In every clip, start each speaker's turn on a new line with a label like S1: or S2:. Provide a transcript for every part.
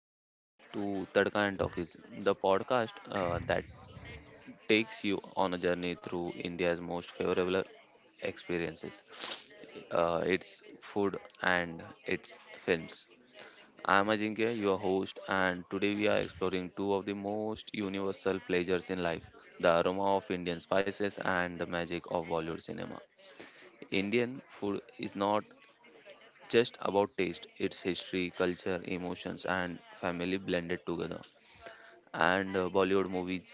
S1: dear listeners, to Tadka and Talkies, the podcast that takes you on a journey through India's most favorable experiences, its food and its films. I am Ajinkya, your host, and today we are exploring two of the most universal pleasures in life, the aroma of Indian spices and the magic of Bollywood cinema. Indian food is not just about taste, it's history, culture, emotions, and family blended together. And Bollywood movies.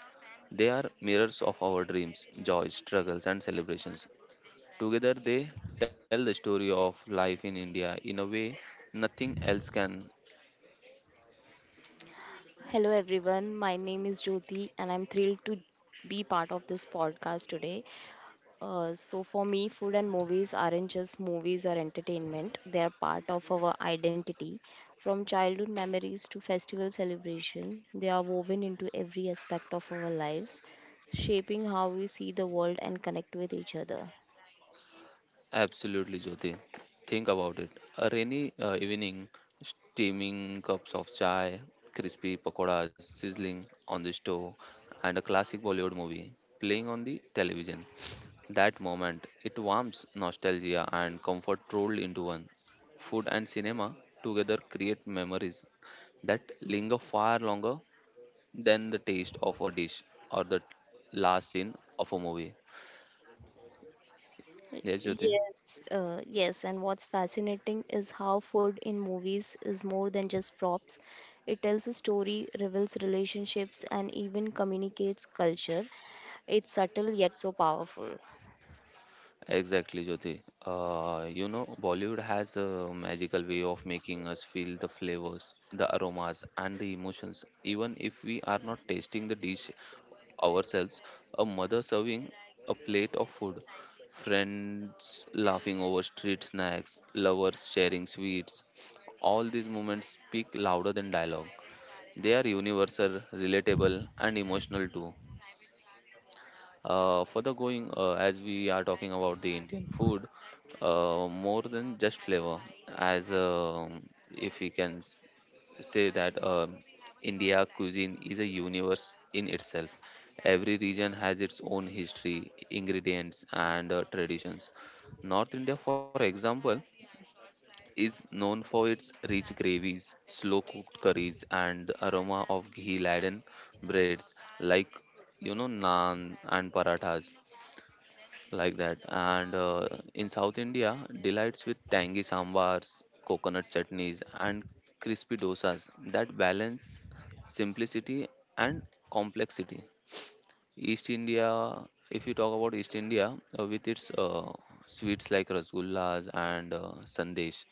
S1: They are mirrors of our dreams, joys, struggles, and celebrations. Together, they tell the story of life in India in a way nothing else can.
S2: Hello everyone, my name is Jyoti and I'm thrilled to be part of this podcast today. For me, food and movies aren't just movies or entertainment, they are part of our identity. From childhood memories to festival celebration, they are woven into every aspect of our lives, shaping how we see the world and connect with each other.
S1: Absolutely, Jyoti. Think about it. A rainy evening, steaming cups of chai, crispy pakoras sizzling on the stove, and a classic Bollywood movie playing on the television. That moment, it warms nostalgia and comfort rolled into one. Food and cinema together create memories that linger far longer than the taste of a dish or the last scene of a movie. Yes, Jyoti?
S2: Yes, and what's fascinating is how food in movies is more than just props. It tells a story, reveals relationships, and even communicates culture. It's subtle yet so powerful.
S1: Exactly, Jyoti. Bollywood has a magical way of making us feel the flavors, the aromas, and the emotions, even if we are not tasting the dish ourselves. A mother serving a plate of food, friends laughing over street snacks, lovers sharing sweets. All these moments speak louder than dialogue. They are universal, relatable, and emotional too. Further going, as we are talking about the Indian food, more than just flavor, as if we can say that India cuisine is a universe in itself. Every region has its own history, ingredients, and traditions. North India, for example, is known for its rich gravies, slow cooked curries, and the aroma of ghee laden breads like, you know, naan and parathas like that. And In South India, delights with tangy sambars, coconut chutneys, and crispy dosas that balance simplicity and complexity. East India, if you talk about East India, with its sweets like rasgullas and sandesh,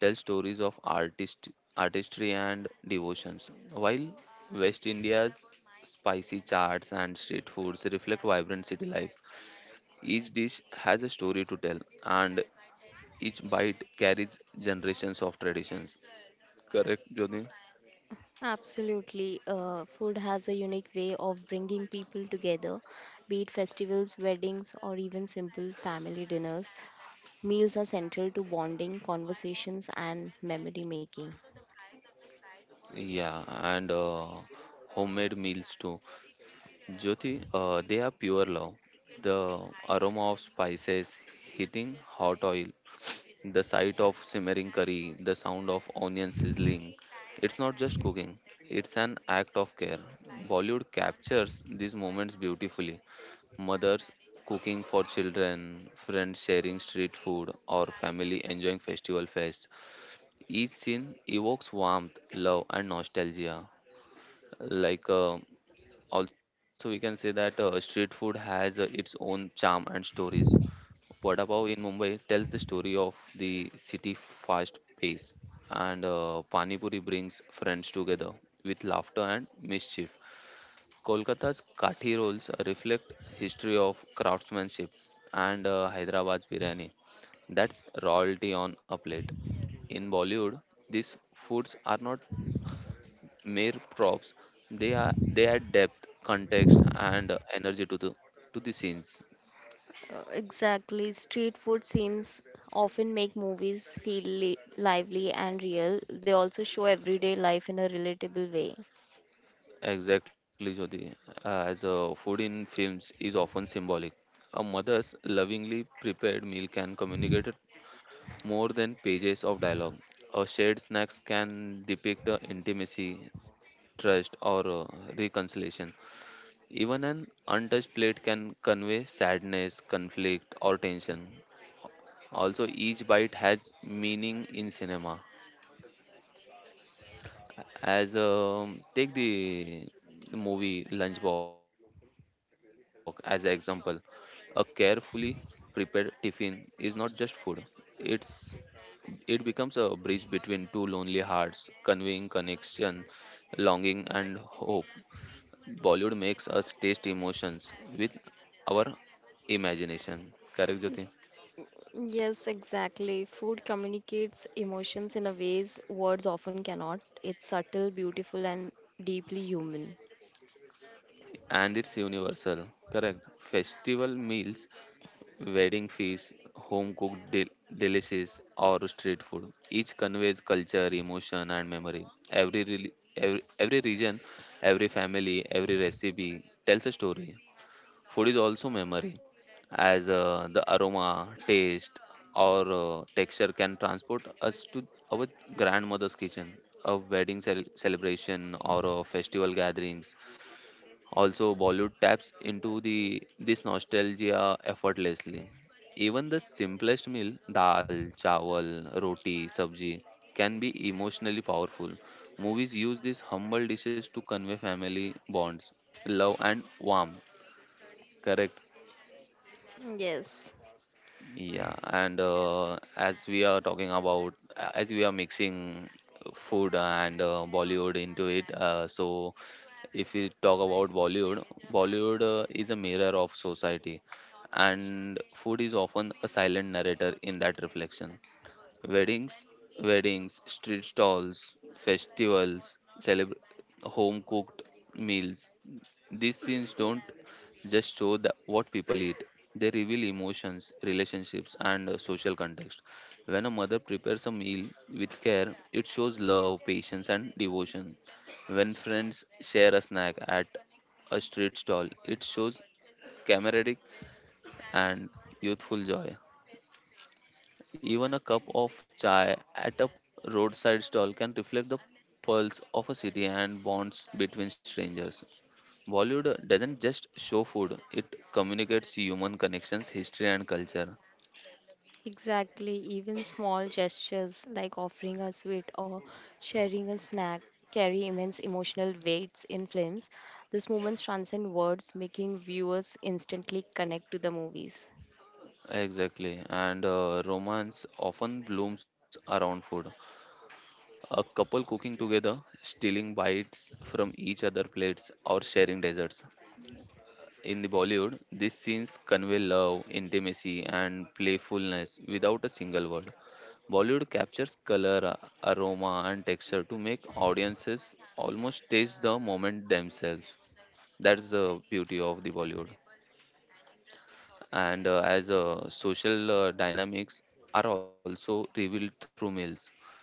S1: tell stories of artistry and devotions, while west india's spicy charts and street foods reflect vibrant city life. Each dish has a story to tell, and each bite carries generations of traditions. Correct, Jyoti?
S2: Absolutely, food has a unique way of bringing people together, be it festivals, weddings, or even simple family dinners. Meals are central to bonding, conversations, and memory making.
S1: Yeah, and homemade meals too. Jyoti, they are pure love. The aroma of spices hitting hot oil. The sight of simmering curry, the sound of onion sizzling. It's not just cooking, it's an act of care. Bollywood captures these moments beautifully. Mothers cooking for children, friends sharing street food, or family enjoying festival fests. Each scene evokes warmth, love, and nostalgia. Like, uh, Also, we can say that street food has its own charm and stories. Vada Pav in Mumbai tells the story of the city fast pace, and Pani Puri brings friends together with laughter and mischief. Kolkata's kathi rolls reflect history of craftsmanship, and Hyderabad's biryani, that's royalty on a plate. In Bollywood, these foods are not mere props; they add depth, context, and energy to the scenes.
S2: Exactly. Street food scenes often make movies feel lively and real. They also show everyday life in a relatable way.
S1: Exactly, Jyoti. As food in films is often symbolic, a mother's lovingly prepared meal can communicate it more than pages of dialogue. A shared snacks can depict the intimacy, trust, or reconciliation. Even an untouched plate can convey sadness, conflict, or tension. Also, each bite has meaning in cinema. As Take the movie Lunchbox as an example. A carefully prepared tiffin is not just food. It's it becomes a bridge between two lonely hearts, conveying connection, longing and hope. Bollywood makes us taste emotions with our imagination. Correct, Jyoti?
S2: Yes, exactly. Food communicates emotions in a ways words often cannot. It's subtle, beautiful, and deeply human.
S1: And it's universal. Correct. Festival meals, wedding feasts, home cooked delicacies, or street food. Each conveys culture, emotion, and memory. Every region, every family, every recipe tells a story. Food is also memory, as the aroma, taste, or texture can transport us to our grandmother's kitchen. A wedding celebration or a festival gatherings. Also, Bollywood taps into the this nostalgia effortlessly. Even the simplest meal, dal, chawal, roti, sabji, can be emotionally powerful. Movies use these humble dishes to convey family bonds, love, and warmth. Correct.
S2: Yes.
S1: Yeah, and as we are talking about, as we are mixing food and Bollywood into it, so if we talk about Bollywood, Bollywood is a mirror of society, and food is often a silent narrator in that reflection. Weddings, weddings, street stalls, festivals, celebr home cooked meals, these scenes don't just show what people eat, they reveal emotions, relationships, and social context. When a mother prepares a meal with care, it shows love, patience, and devotion. When friends share a snack at a street stall, it shows camaraderie and youthful joy. Even a cup of chai at a roadside stall can reflect the pulse of a city and bonds between strangers. Bollywood doesn't just show food, it communicates human connections, history, and culture.
S2: Exactly, even small gestures like offering a sweet or sharing a snack carry immense emotional weights in films. These moments transcend words, making viewers instantly connect to the movies.
S1: Exactly, and romance often blooms around food. A couple cooking together, stealing bites from each other plates, or sharing desserts. In the Bollywood, these scenes convey love, intimacy, and playfulness without a single word. Bollywood captures color, aroma, and texture to make audiences almost taste the moment themselves. That's the beauty of the Bollywood. And as social dynamics are also revealed through meals.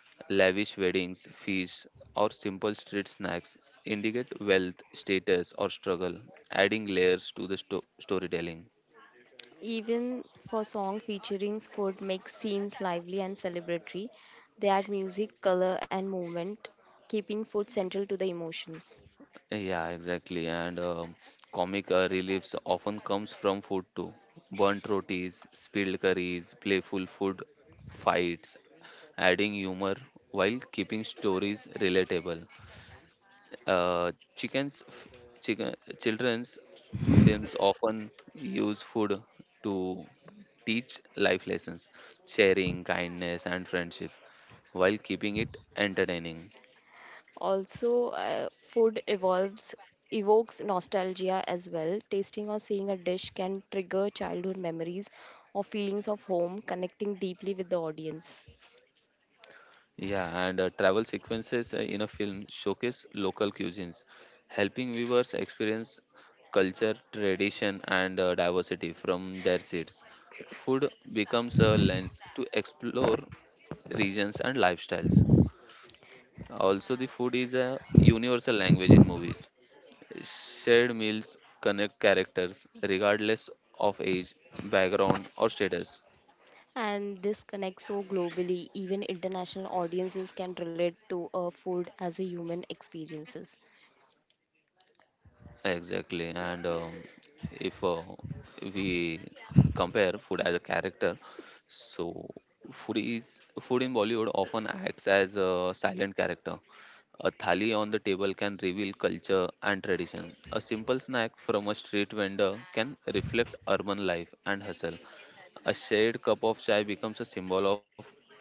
S1: Lavish weddings, feasts, or simple street snacks indicate wealth, status, or struggle, adding layers to the storytelling.
S2: Even for song featuring food makes scenes lively and celebratory. They add music, color and movement, keeping food central to the emotions.
S1: Yeah, exactly. And comic reliefs often comes from food too. Burnt rotis, spilled curries, playful food fights, adding humor while keeping stories relatable. Uh, chickens, f- chicken, Children's films often use food to teach life lessons, sharing, kindness, and friendship, while keeping it entertaining.
S2: Also, food evolves, evokes nostalgia as well. Tasting or seeing a dish can trigger childhood memories or feelings of home, connecting deeply with the audience.
S1: Yeah, and travel sequences in a film showcase local cuisines, helping viewers experience culture, tradition, and diversity from their seats. Food becomes a lens to explore regions and lifestyles. Also, the food is a universal language in movies. Shared meals connect characters regardless of age, background, or status.
S2: And this connects so globally, even international audiences can relate to a food as a human experiences.
S1: Exactly, and if we compare food as a character, so food in Bollywood often acts as a silent character. A thali on the table can reveal culture and tradition. A simple snack from a street vendor can reflect urban life and hustle. A shared cup of chai becomes a symbol of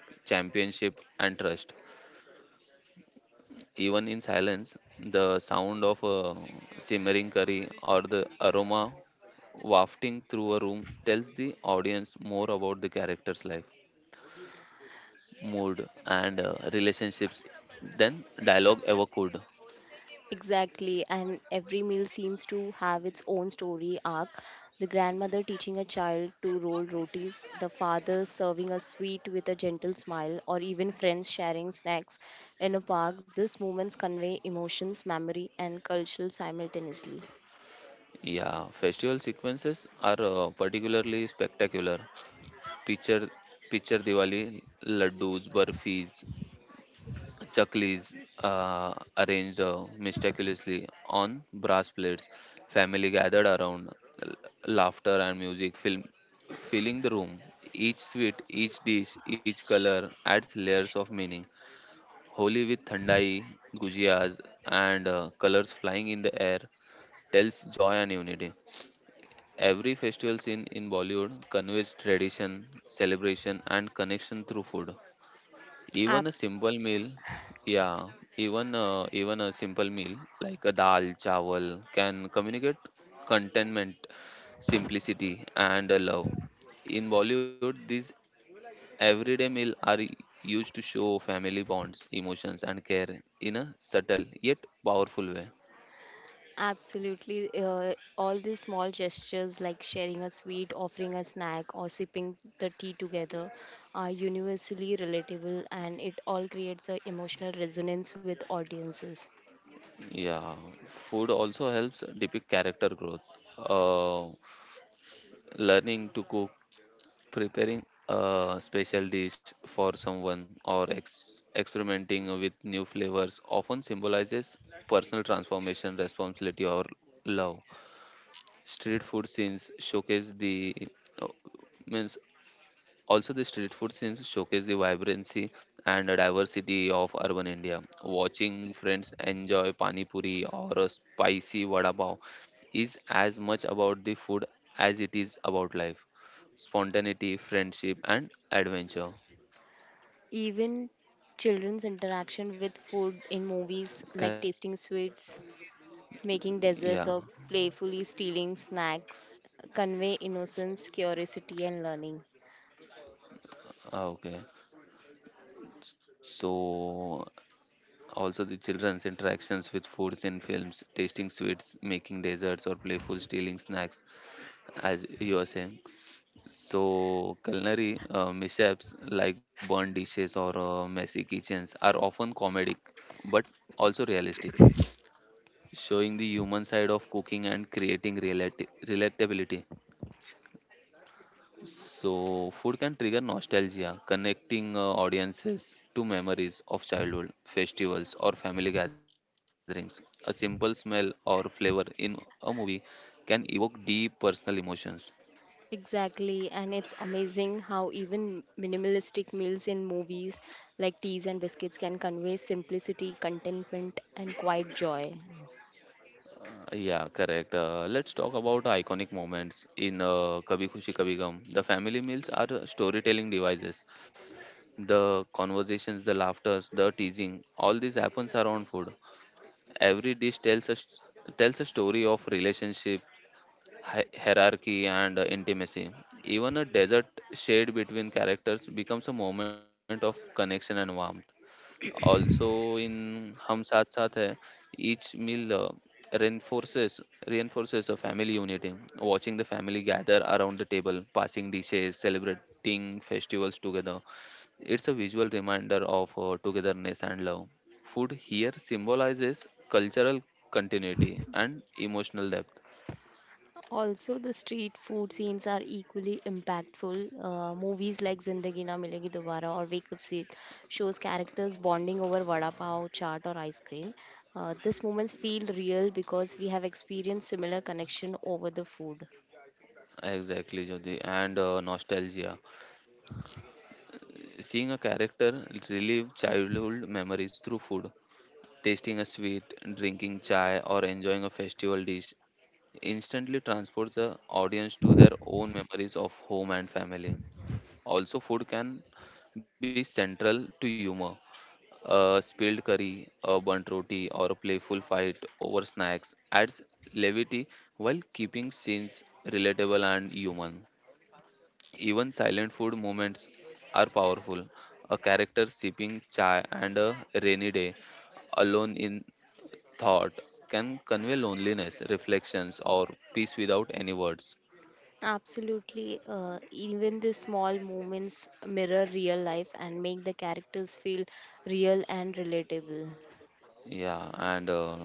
S1: championship and trust. Even in silence, the sound of a simmering curry or the aroma wafting through a room tells the audience more about the character's life, mood, and relationships than dialogue ever could.
S2: Exactly, and every meal seems to have its own story arc. The grandmother teaching a child to roll rotis, the father serving a sweet with a gentle smile, or even friends sharing snacks in a park. These moments convey emotions, memory, and culture simultaneously.
S1: Yeah, festival sequences are particularly spectacular. Picture, picture Diwali, laddus, burfis, Chaklis arranged meticulously on brass plates. Family gathered around, l- laughter and music filling the room. Each sweet, each dish, each color adds layers of meaning. Holi with thandai, gujias, and colors flying in the air tells joy and unity. Every festival scene in Bollywood conveys tradition, celebration, and connection through food. Even a
S2: Abs-
S1: simple meal, yeah, even a simple meal like a dal chawal can communicate contentment, simplicity, and a love. In Bollywood, these everyday meal are used to show family bonds, emotions, and care in a subtle yet powerful way.
S2: Absolutely. All these small gestures like sharing a sweet, offering a snack, or sipping the tea together are universally relatable and it all creates an emotional resonance with audiences.
S1: Yeah, food also helps depict character growth. Uh, Learning to cook, preparing a special dish for someone, or experimenting with new flavors often symbolizes personal transformation, responsibility, or love. Street food scenes showcase the uh, means also, the street food scenes showcase the vibrancy and diversity of urban India. Watching friends enjoy pani puri or a spicy vada pav is as much about the food as it is about life, spontaneity, friendship, and adventure.
S2: Even children's interaction with food in movies like
S1: Correct,
S2: tasting
S1: Jyoti?
S2: sweets, making desserts,
S1: Yeah.
S2: or playfully stealing snacks convey innocence, curiosity, and learning.
S1: Ah, okay. So also the children's interactions with foods in films, tasting sweets, making desserts, or playful stealing snacks, as you are saying. So, culinary mishaps like burnt dishes or messy kitchens are often comedic but also realistic, showing the human side of cooking and creating relatability. So, food can trigger nostalgia, connecting audiences to memories of childhood, festivals, or family gatherings. A simple smell or flavor in a movie can evoke deep personal emotions.
S2: Exactly, and it's amazing how even minimalistic meals in movies like teas and biscuits can convey simplicity, contentment, and quiet joy.
S1: Yeah, correct. Let's talk about iconic moments in Kabhi Khushi Kabhi Gum. The family meals are storytelling devices. The conversations, the laughters, the teasing, all this happens around food. Every dish tells a story of relationship, hierarchy, and intimacy. Even a desert shade between characters becomes a moment of connection and warmth. Also, in Hum Saath Saath Hai, each meal reinforces reinforces a family unity. Watching the family gather around the table, passing dishes, celebrating festivals together, it's a visual reminder of togetherness and love. Food here symbolizes cultural continuity and emotional depth.
S2: Also, the street food scenes are equally impactful. Movies like Zindagi Na Milegi Dobara or Wake Up Seed shows characters bonding over vada pav, chaat, or ice cream. These moments feel real because we have experienced similar connection over the food.
S1: Exactly, Jyoti, and nostalgia. Seeing a character relive childhood memories through food tasting a sweet, drinking chai, or enjoying a festival dish instantly transports the audience to their own memories of home and family. Also, food can be central to humor. A spilled curry, a burnt roti, or a playful fight over snacks adds levity while keeping scenes relatable and human. Even silent food moments are powerful. A character sipping chai and a rainy day alone in thought can convey loneliness, reflections, or peace without any words.
S2: Absolutely. Even the small moments mirror real life and make the characters feel real and relatable.
S1: Yeah, and uh,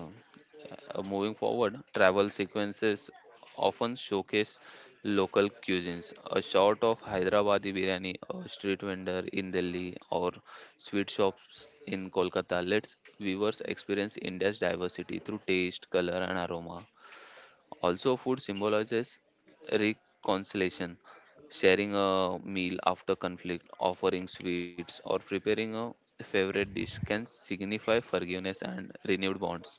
S1: uh, moving forward, travel sequences often showcase local cuisines. A shot of Hyderabadi biryani, a street vendor in Delhi, or sweet shops in Kolkata lets viewers experience India's diversity through taste, color, and aroma. Also, food symbolizes reconciliation, sharing a meal after conflict, offering sweets, or preparing a favorite dish can signify forgiveness and renewed bonds.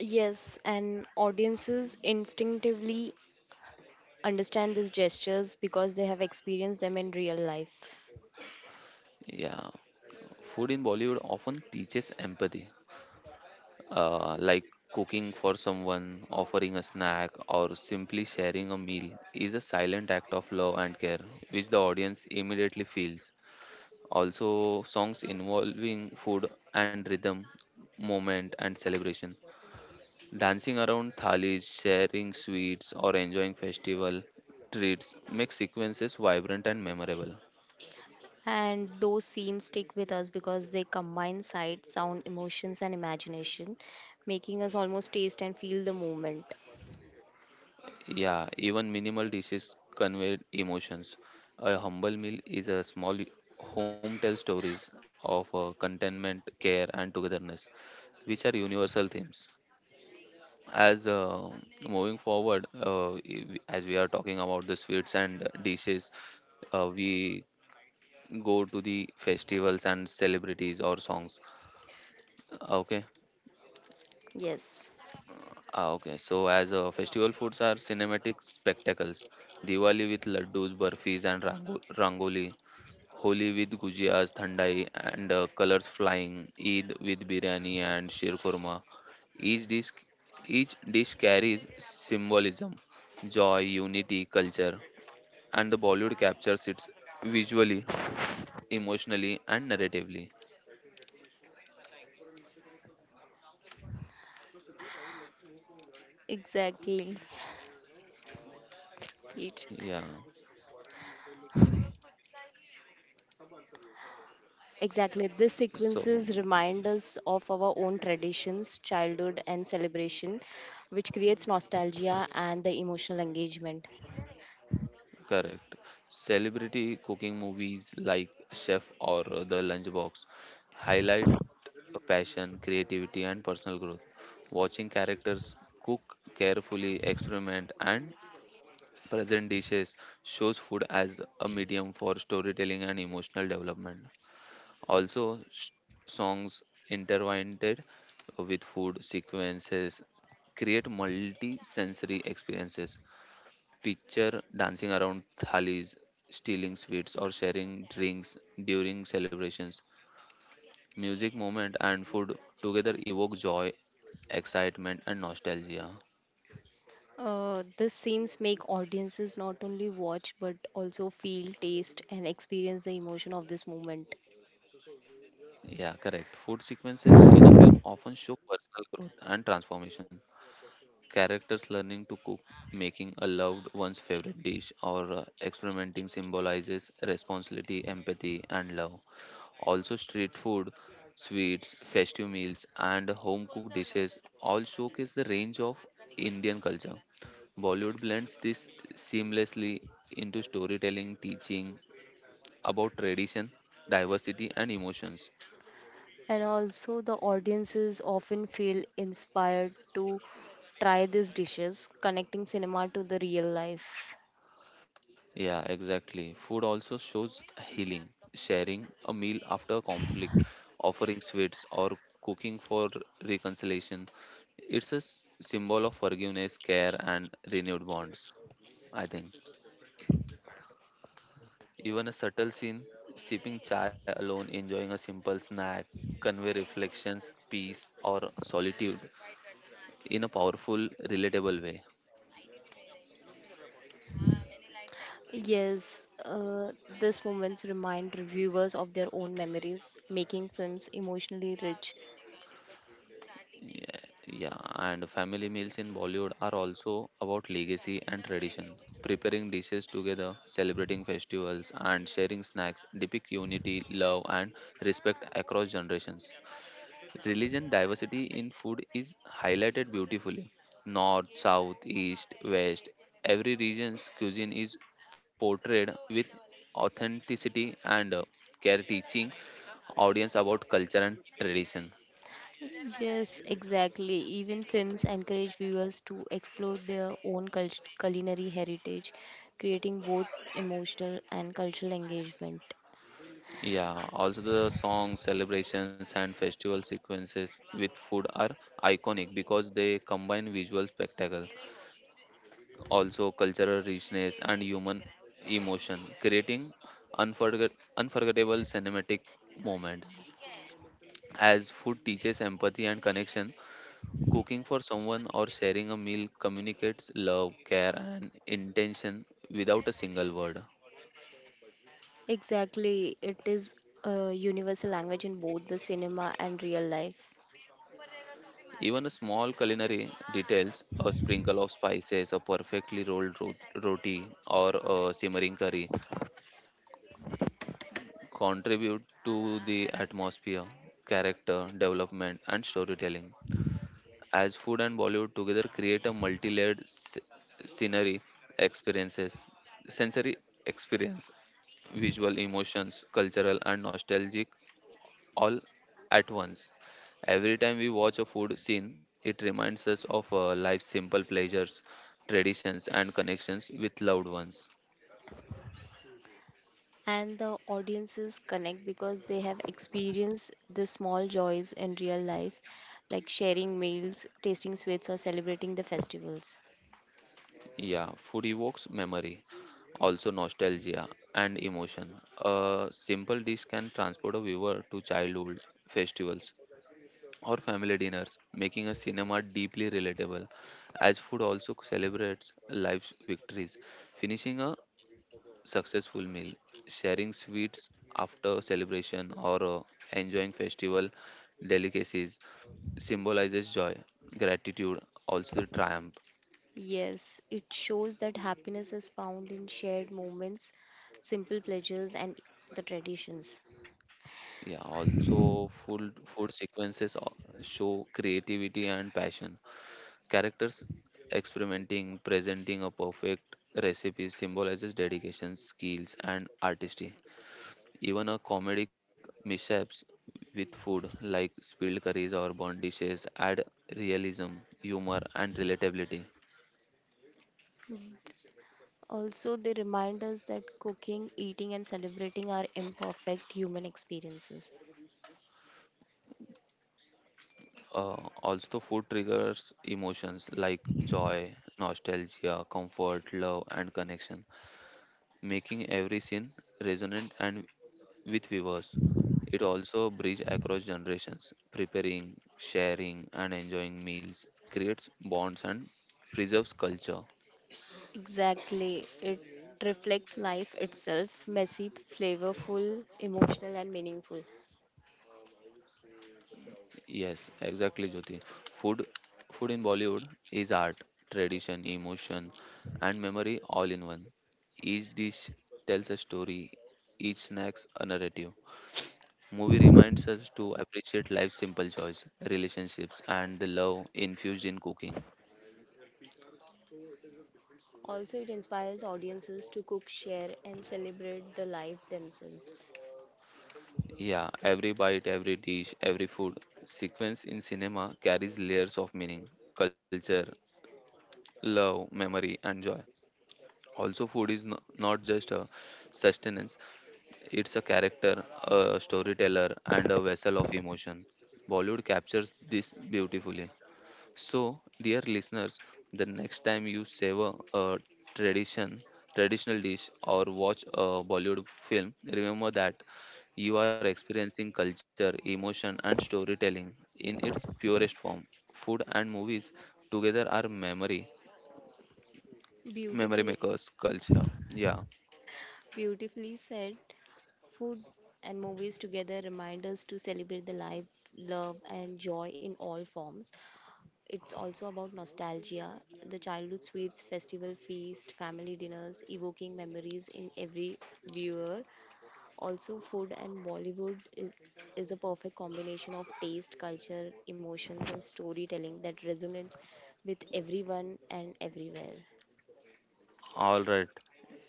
S2: Yes, and audiences instinctively understand these gestures because they have experienced them in real life.
S1: Yeah, food in Bollywood often teaches empathy, like cooking for someone, offering a snack, or simply sharing a meal is a silent act of love and care, which the audience immediately feels. Also, songs involving food and rhythm, moment and celebration. Dancing around thalis, sharing sweets, or enjoying festival treats make sequences vibrant and memorable.
S2: And those scenes stick with us because they combine sight, sound, emotions, and imagination, making us almost taste and feel the moment.
S1: Yeah, even minimal dishes convey emotions. A humble meal is a small home tell stories of contentment, care, and togetherness, which are universal themes. As moving forward as we are talking about the sweets and dishes we go to the festivals and celebrities or songs. Okay.
S2: Yes.
S1: Ah, okay, so as festival foods are cinematic spectacles: Diwali with laddus, burfis, and rangoli; Holi with gujiyas, thandai, and colors flying; Eid with biryani and shirkurma. Each dish, each dish carries symbolism, joy, unity, culture, and the Bollywood captures it visually, emotionally, and narratively.
S2: Exactly. It.
S1: Yeah.
S2: Exactly. These
S1: So,
S2: sequences remind us of our own traditions, childhood, and celebration, which creates nostalgia and the emotional engagement.
S1: correct. Celebrity cooking movies like Chef or The Lunchbox highlight passion, creativity, and personal growth. Watching characters cook carefully, experiment, and present dishes shows food as a medium for storytelling and emotional development. Also, songs intertwined with food sequences create multi sensory experiences. Picture dancing around thalis, stealing sweets, or sharing drinks during celebrations. Music, movement, and food together evoke joy, excitement, and nostalgia.
S2: These scenes make audiences not only watch but also feel, taste, and experience the emotion of this moment.
S1: Yeah, correct. Food sequences in a film often show personal growth and transformation. Characters learning to cook, making a loved one's favorite dish, or experimenting symbolizes responsibility, empathy, and love. Also, street food, sweets, festive meals, and home cooked dishes all showcase the range of Indian culture. Bollywood blends this seamlessly into storytelling, teaching about tradition, diversity, and emotions.
S2: And also, the audiences often feel inspired to try these dishes, connecting cinema to the real life.
S1: Yeah, exactly. Food also shows healing, sharing a meal after conflict, offering sweets, or cooking for reconciliation. It's a symbol of forgiveness, care, and renewed bonds, I think. Even a subtle scene, sipping chai alone, enjoying a simple snack, convey reflections, peace, or solitude in a powerful, relatable way.
S2: Yes, these moments remind reviewers of their own memories, making films emotionally rich.
S1: Yeah, yeah, and family meals in Bollywood are also about legacy and tradition. Preparing dishes together, celebrating festivals, and sharing snacks depict unity, love, and respect across generations. Religion diversity in food is highlighted beautifully. North, South, East, West, every region's cuisine is portrayed with authenticity and care, teaching audience about culture and tradition.
S2: Yes, exactly. Even films encourage viewers to explore their own culinary heritage, creating both emotional and cultural engagement.
S1: Yeah, also the songs, celebrations, and festival sequences with food are iconic because they combine visual spectacle, also cultural richness and human emotion, creating unforgettable cinematic moments. As food teaches empathy and connection, cooking for someone or sharing a meal communicates love, care, and intention without a single word.
S2: Exactly, it is a universal language in both the cinema and real life.
S1: Even a small culinary details, a sprinkle of spices, a perfectly rolled roti, or a simmering curry, contribute to the atmosphere, character development, and storytelling. As food and Bollywood together create a multi-layered scenery experiences, sensory experience, visual emotions, cultural and nostalgic, all at once. Every time we watch a food scene, it reminds us of life's simple pleasures, traditions and connections with loved ones.
S2: And the audiences connect because they have experienced the small joys in real life, like sharing meals, tasting sweets, or celebrating the festivals.
S1: Yeah, food evokes memory, also nostalgia and emotion. A simple dish can transport a viewer to childhood festivals or family dinners, making a cinema deeply relatable, as food also celebrates life's victories. Finishing a successful meal, sharing sweets after celebration, or enjoying festival delicacies symbolizes joy, gratitude, also the triumph.
S2: Yes, it shows that happiness is found in shared moments, simple pleasures, and the traditions.
S1: Yeah, also food sequences show creativity and passion. Characters experimenting, presenting a perfect recipe symbolizes dedication, skills, and artistry. Even a comedic mishaps with food, like spilled curries or burnt dishes, add realism, humor, and relatability.
S2: Also, they remind us that cooking, eating, and celebrating are imperfect human experiences.
S1: Uh, also, food triggers emotions like joy, nostalgia, comfort, love, and connection, making every scene resonant and with viewers. It also bridges across generations, preparing, sharing, and enjoying meals, creates bonds and preserves culture.
S2: Exactly. It reflects life itself messy, flavorful, emotional, and meaningful.
S1: Yes, exactly, Jyoti. Food, food in Bollywood is art, tradition, emotion, and memory all in one. Each dish tells a story, each snack's a narrative. Movie reminds us to appreciate life's simple joys, relationships, and the love infused in cooking.
S2: Also, it inspires audiences to cook, share, and celebrate the life themselves.
S1: Yeah, every bite, every dish, every food sequence in cinema carries layers of meaning, culture, love, memory, and joy. Also, food is no, not just a sustenance, it's a character, a storyteller, and a vessel of emotion. Bollywood captures this beautifully. So, dear listeners, the next time you savor a tradition, traditional dish or watch a Bollywood film, remember that you are experiencing culture, emotion and storytelling in its purest form. Food and movies together are memory, memory
S2: Beautifully,
S1: makers culture. Yeah.
S2: beautifully said, food and movies together remind us to celebrate the life, love, and joy in all forms. It's also about nostalgia, the childhood sweets, festival feast, family dinners, evoking memories in every viewer. Also, food and Bollywood is a perfect combination of taste, culture, emotions, and storytelling that resonates with everyone and everywhere.
S1: All right.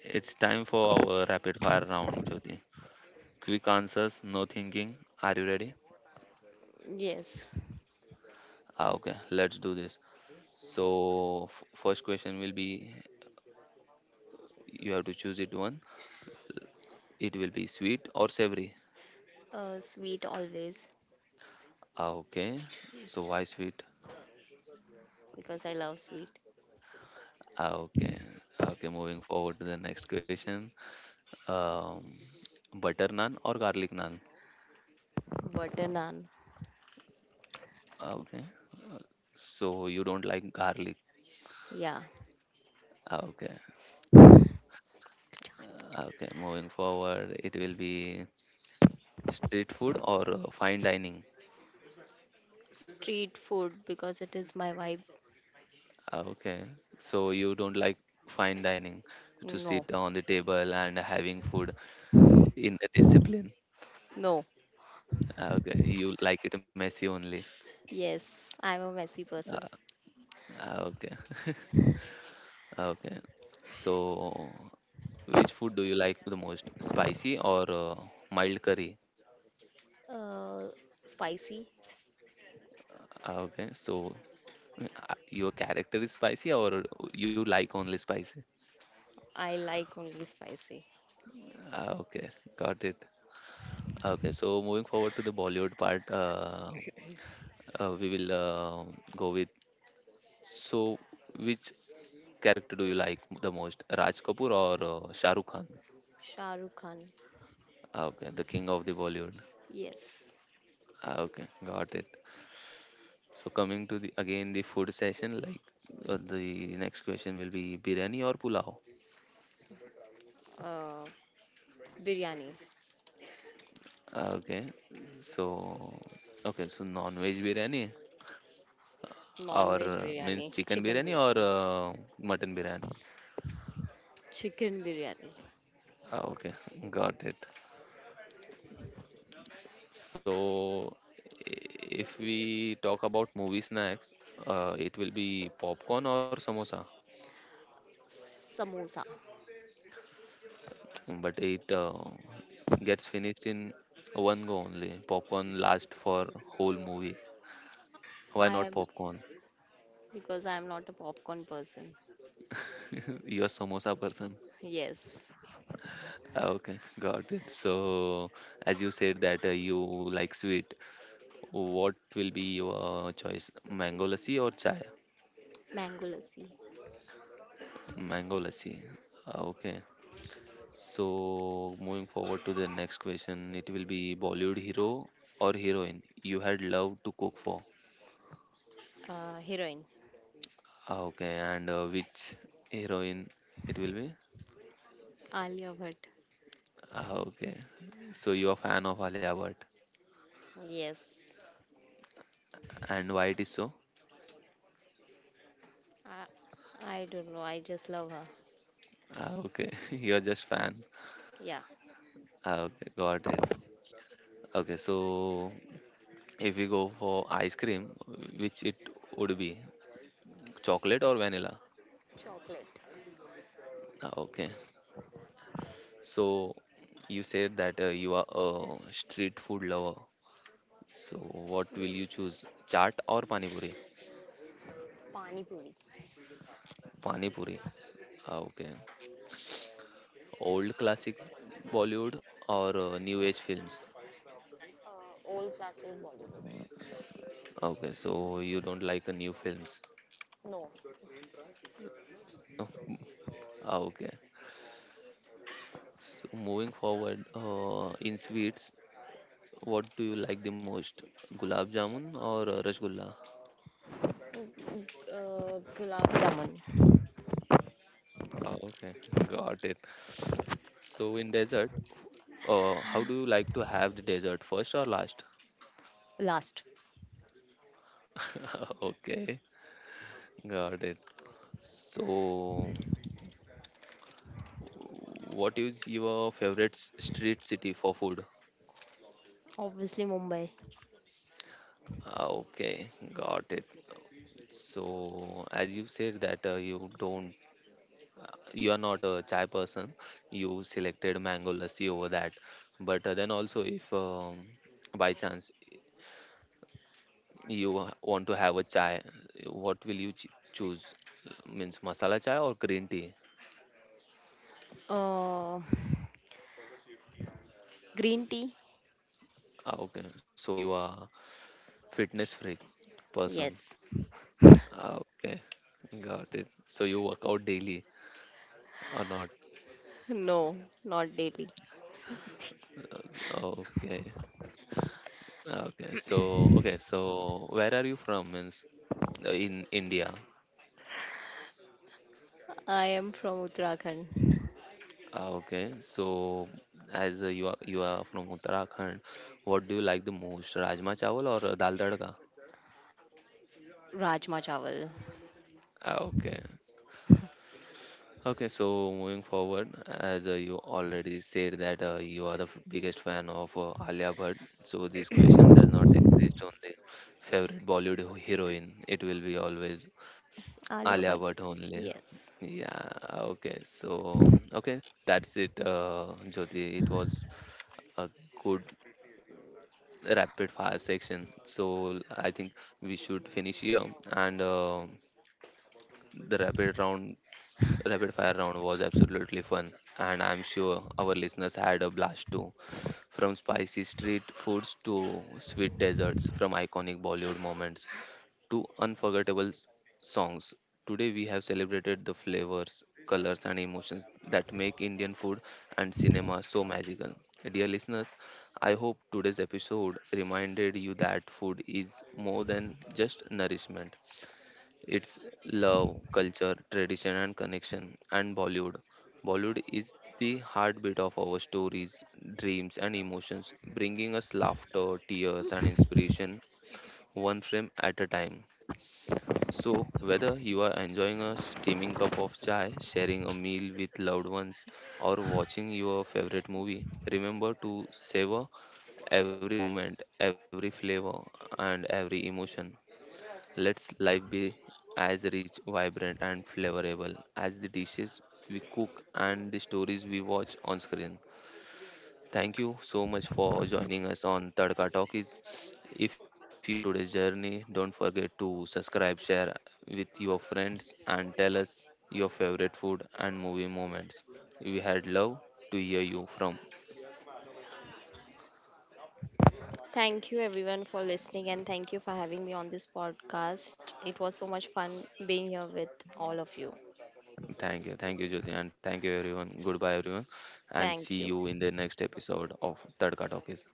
S1: It's time for our rapid fire round, Jyoti. Quick answers, no thinking. Are you ready?
S2: Yes,
S1: Ah, okay, let's do this. So first question will be you have to choose it one. It will be sweet or savory.
S2: uh, sweet always
S1: Ah, okay. So why sweet?
S2: because I love sweet.
S1: Ah, okay. Okay. Moving forward to the next question. Um, butter naan or garlic naan?
S2: Butter naan,
S1: Ah, okay. So you don't like garlic.
S2: yeah.
S1: Ah, okay. Ah, okay. Moving forward, it will be street food or fine dining.
S2: Street food because it is my vibe.
S1: Ah, okay. So you don't like fine dining to
S2: No,
S1: sit on the table and having food in the discipline.
S2: no.
S1: Ah, okay, you like it messy only.
S2: Yes, I'm a messy
S1: Ah,
S2: person.
S1: ah, okay, okay. So, which food do you like the most? Spicy or mild curry?
S2: Uh, Spicy.
S1: Ah, okay, so your character is spicy or you like only spicy?
S2: I like only spicy.
S1: Ah, okay, got it. Okay, so moving forward to the Bollywood part, we will go with so which character do you like the most? Raj Kapoor or Shah Rukh Khan?
S2: Shah Rukh Khan.
S1: Ah, okay, the king of the Bollywood.
S2: Yes.
S1: Ah, okay, got it. So coming to the again the food session, like the next question will be biryani or pulao?
S2: Uh, Biryani.
S1: Ah, okay, so okay, so non-veg biryani or
S2: Non-veg biryani,
S1: means chicken
S2: chicken
S1: biryani or
S2: biryani,
S1: mutton biryani?
S2: chicken biryani,
S1: Ah, okay, got it. So, if we talk about movie snacks, it will be popcorn or samosa?
S2: samosa.
S1: But it gets finished in one go only. Popcorn lasts for whole movie. Why
S2: I
S1: not
S2: am
S1: popcorn?
S2: Because I am not a popcorn person.
S1: You're samosa person.
S2: Yes,
S1: Ah, okay, got it. So, as you said that you like sweet, what will be your choice? Mango lassi or chai?
S2: mango lassi,
S1: Mango lassi. Ah, okay. So, moving forward to the next question, it will be Bollywood hero or heroine you had loved to cook for.
S2: heroine,
S1: Ah, okay, and which heroine it will be?
S2: Alia Bhatt.
S1: Ah, okay, so you're fan of Alia Bhatt,
S2: Yes,
S1: and why it is so?
S2: I, I don't know. I just love her.
S1: Ah, okay, you're just fan.
S2: Yeah,
S1: Ah, okay, got it. Okay, so if we go for ice cream, which it would be, chocolate or vanilla?
S2: chocolate.
S1: Ah, okay, so you said that you are a street food lover. So what will you choose,
S2: Yes,
S1: chaat or pani puri?
S2: pani puri,
S1: Pani puri. Ah, okay. Old classic Bollywood or new age films?
S2: old classic Bollywood.
S1: Okay, so you don't like new films.
S2: No.
S1: Ah, okay. So moving forward, in sweets, what do you like the most? Gulab jamun or rasgulla?
S2: Mm, Gulab jamun.
S1: Ah, okay, got it. So in dessert, how do you like to have the dessert, first or last?
S2: Last,
S1: Okay, got it. So, what is your favorite street city for food?
S2: obviously Mumbai.
S1: Ah, okay, got it. So, as you said that you don't, you are not a chai person. You selected mango lassi over that. But then also, if by chance you want to have a chai, what will you ch choose? Means masala chai or green tea?
S2: Uh, green tea.
S1: Ah, okay, so you are fitness freak person.
S2: Yes.
S1: Ah, okay, got it. So you work out daily or not?
S2: No, not daily.
S1: Okay. Okay, so where are you from? Means in India.
S2: I am from Uttarakhand.
S1: Ah, okay, so as you are from Uttarakhand, what do you like the most, rajma chawal or dal tadka?
S2: Rajma Chawal.
S1: Ah, okay, okay. So moving forward, as you already said that you are the biggest fan of Alia Bhatt, so this question does not exist on the favorite Bollywood heroine. It will be always
S2: Alia
S1: Alia
S2: Bhatt.
S1: Bhatt only.
S2: Yes.
S1: Yeah, okay. So, okay, that's it, Jyoti. It was a good rapid fire section. So, I think we should finish here. And the rapid fire round was absolutely fun. And I'm sure our listeners had a blast too. From spicy street foods to sweet desserts, from iconic Bollywood moments to unforgettable songs. Today we have celebrated the flavors, colors, and emotions that make Indian food and cinema so magical. Dear listeners, I hope today's episode reminded you that food is more than just nourishment. It's love, culture, tradition, and connection. And Bollywood is the heartbeat of our stories, dreams, and emotions, bringing us laughter, tears, and inspiration one frame at a time. So, whether you are enjoying a steaming cup of chai, sharing a meal with loved ones, or watching your favorite movie, remember to savor every moment, every flavor, and every emotion. Let's life be as rich, vibrant, and flavorable as the dishes we cook and the stories we watch on screen. Thank you so much for joining us on Tadka Talkies. If you enjoyed today's journey, don't forget to subscribe, share with your friends, and tell us your favorite food and movie moments. We had love to hear you from.
S2: Thank you everyone for listening and thank you for having me on this podcast. It was so much fun being here with all of you.
S1: Thank you, Jyoti, and thank you, everyone. Goodbye, everyone, and see
S2: Thank you.
S1: you in the next episode of Tadka Talkies.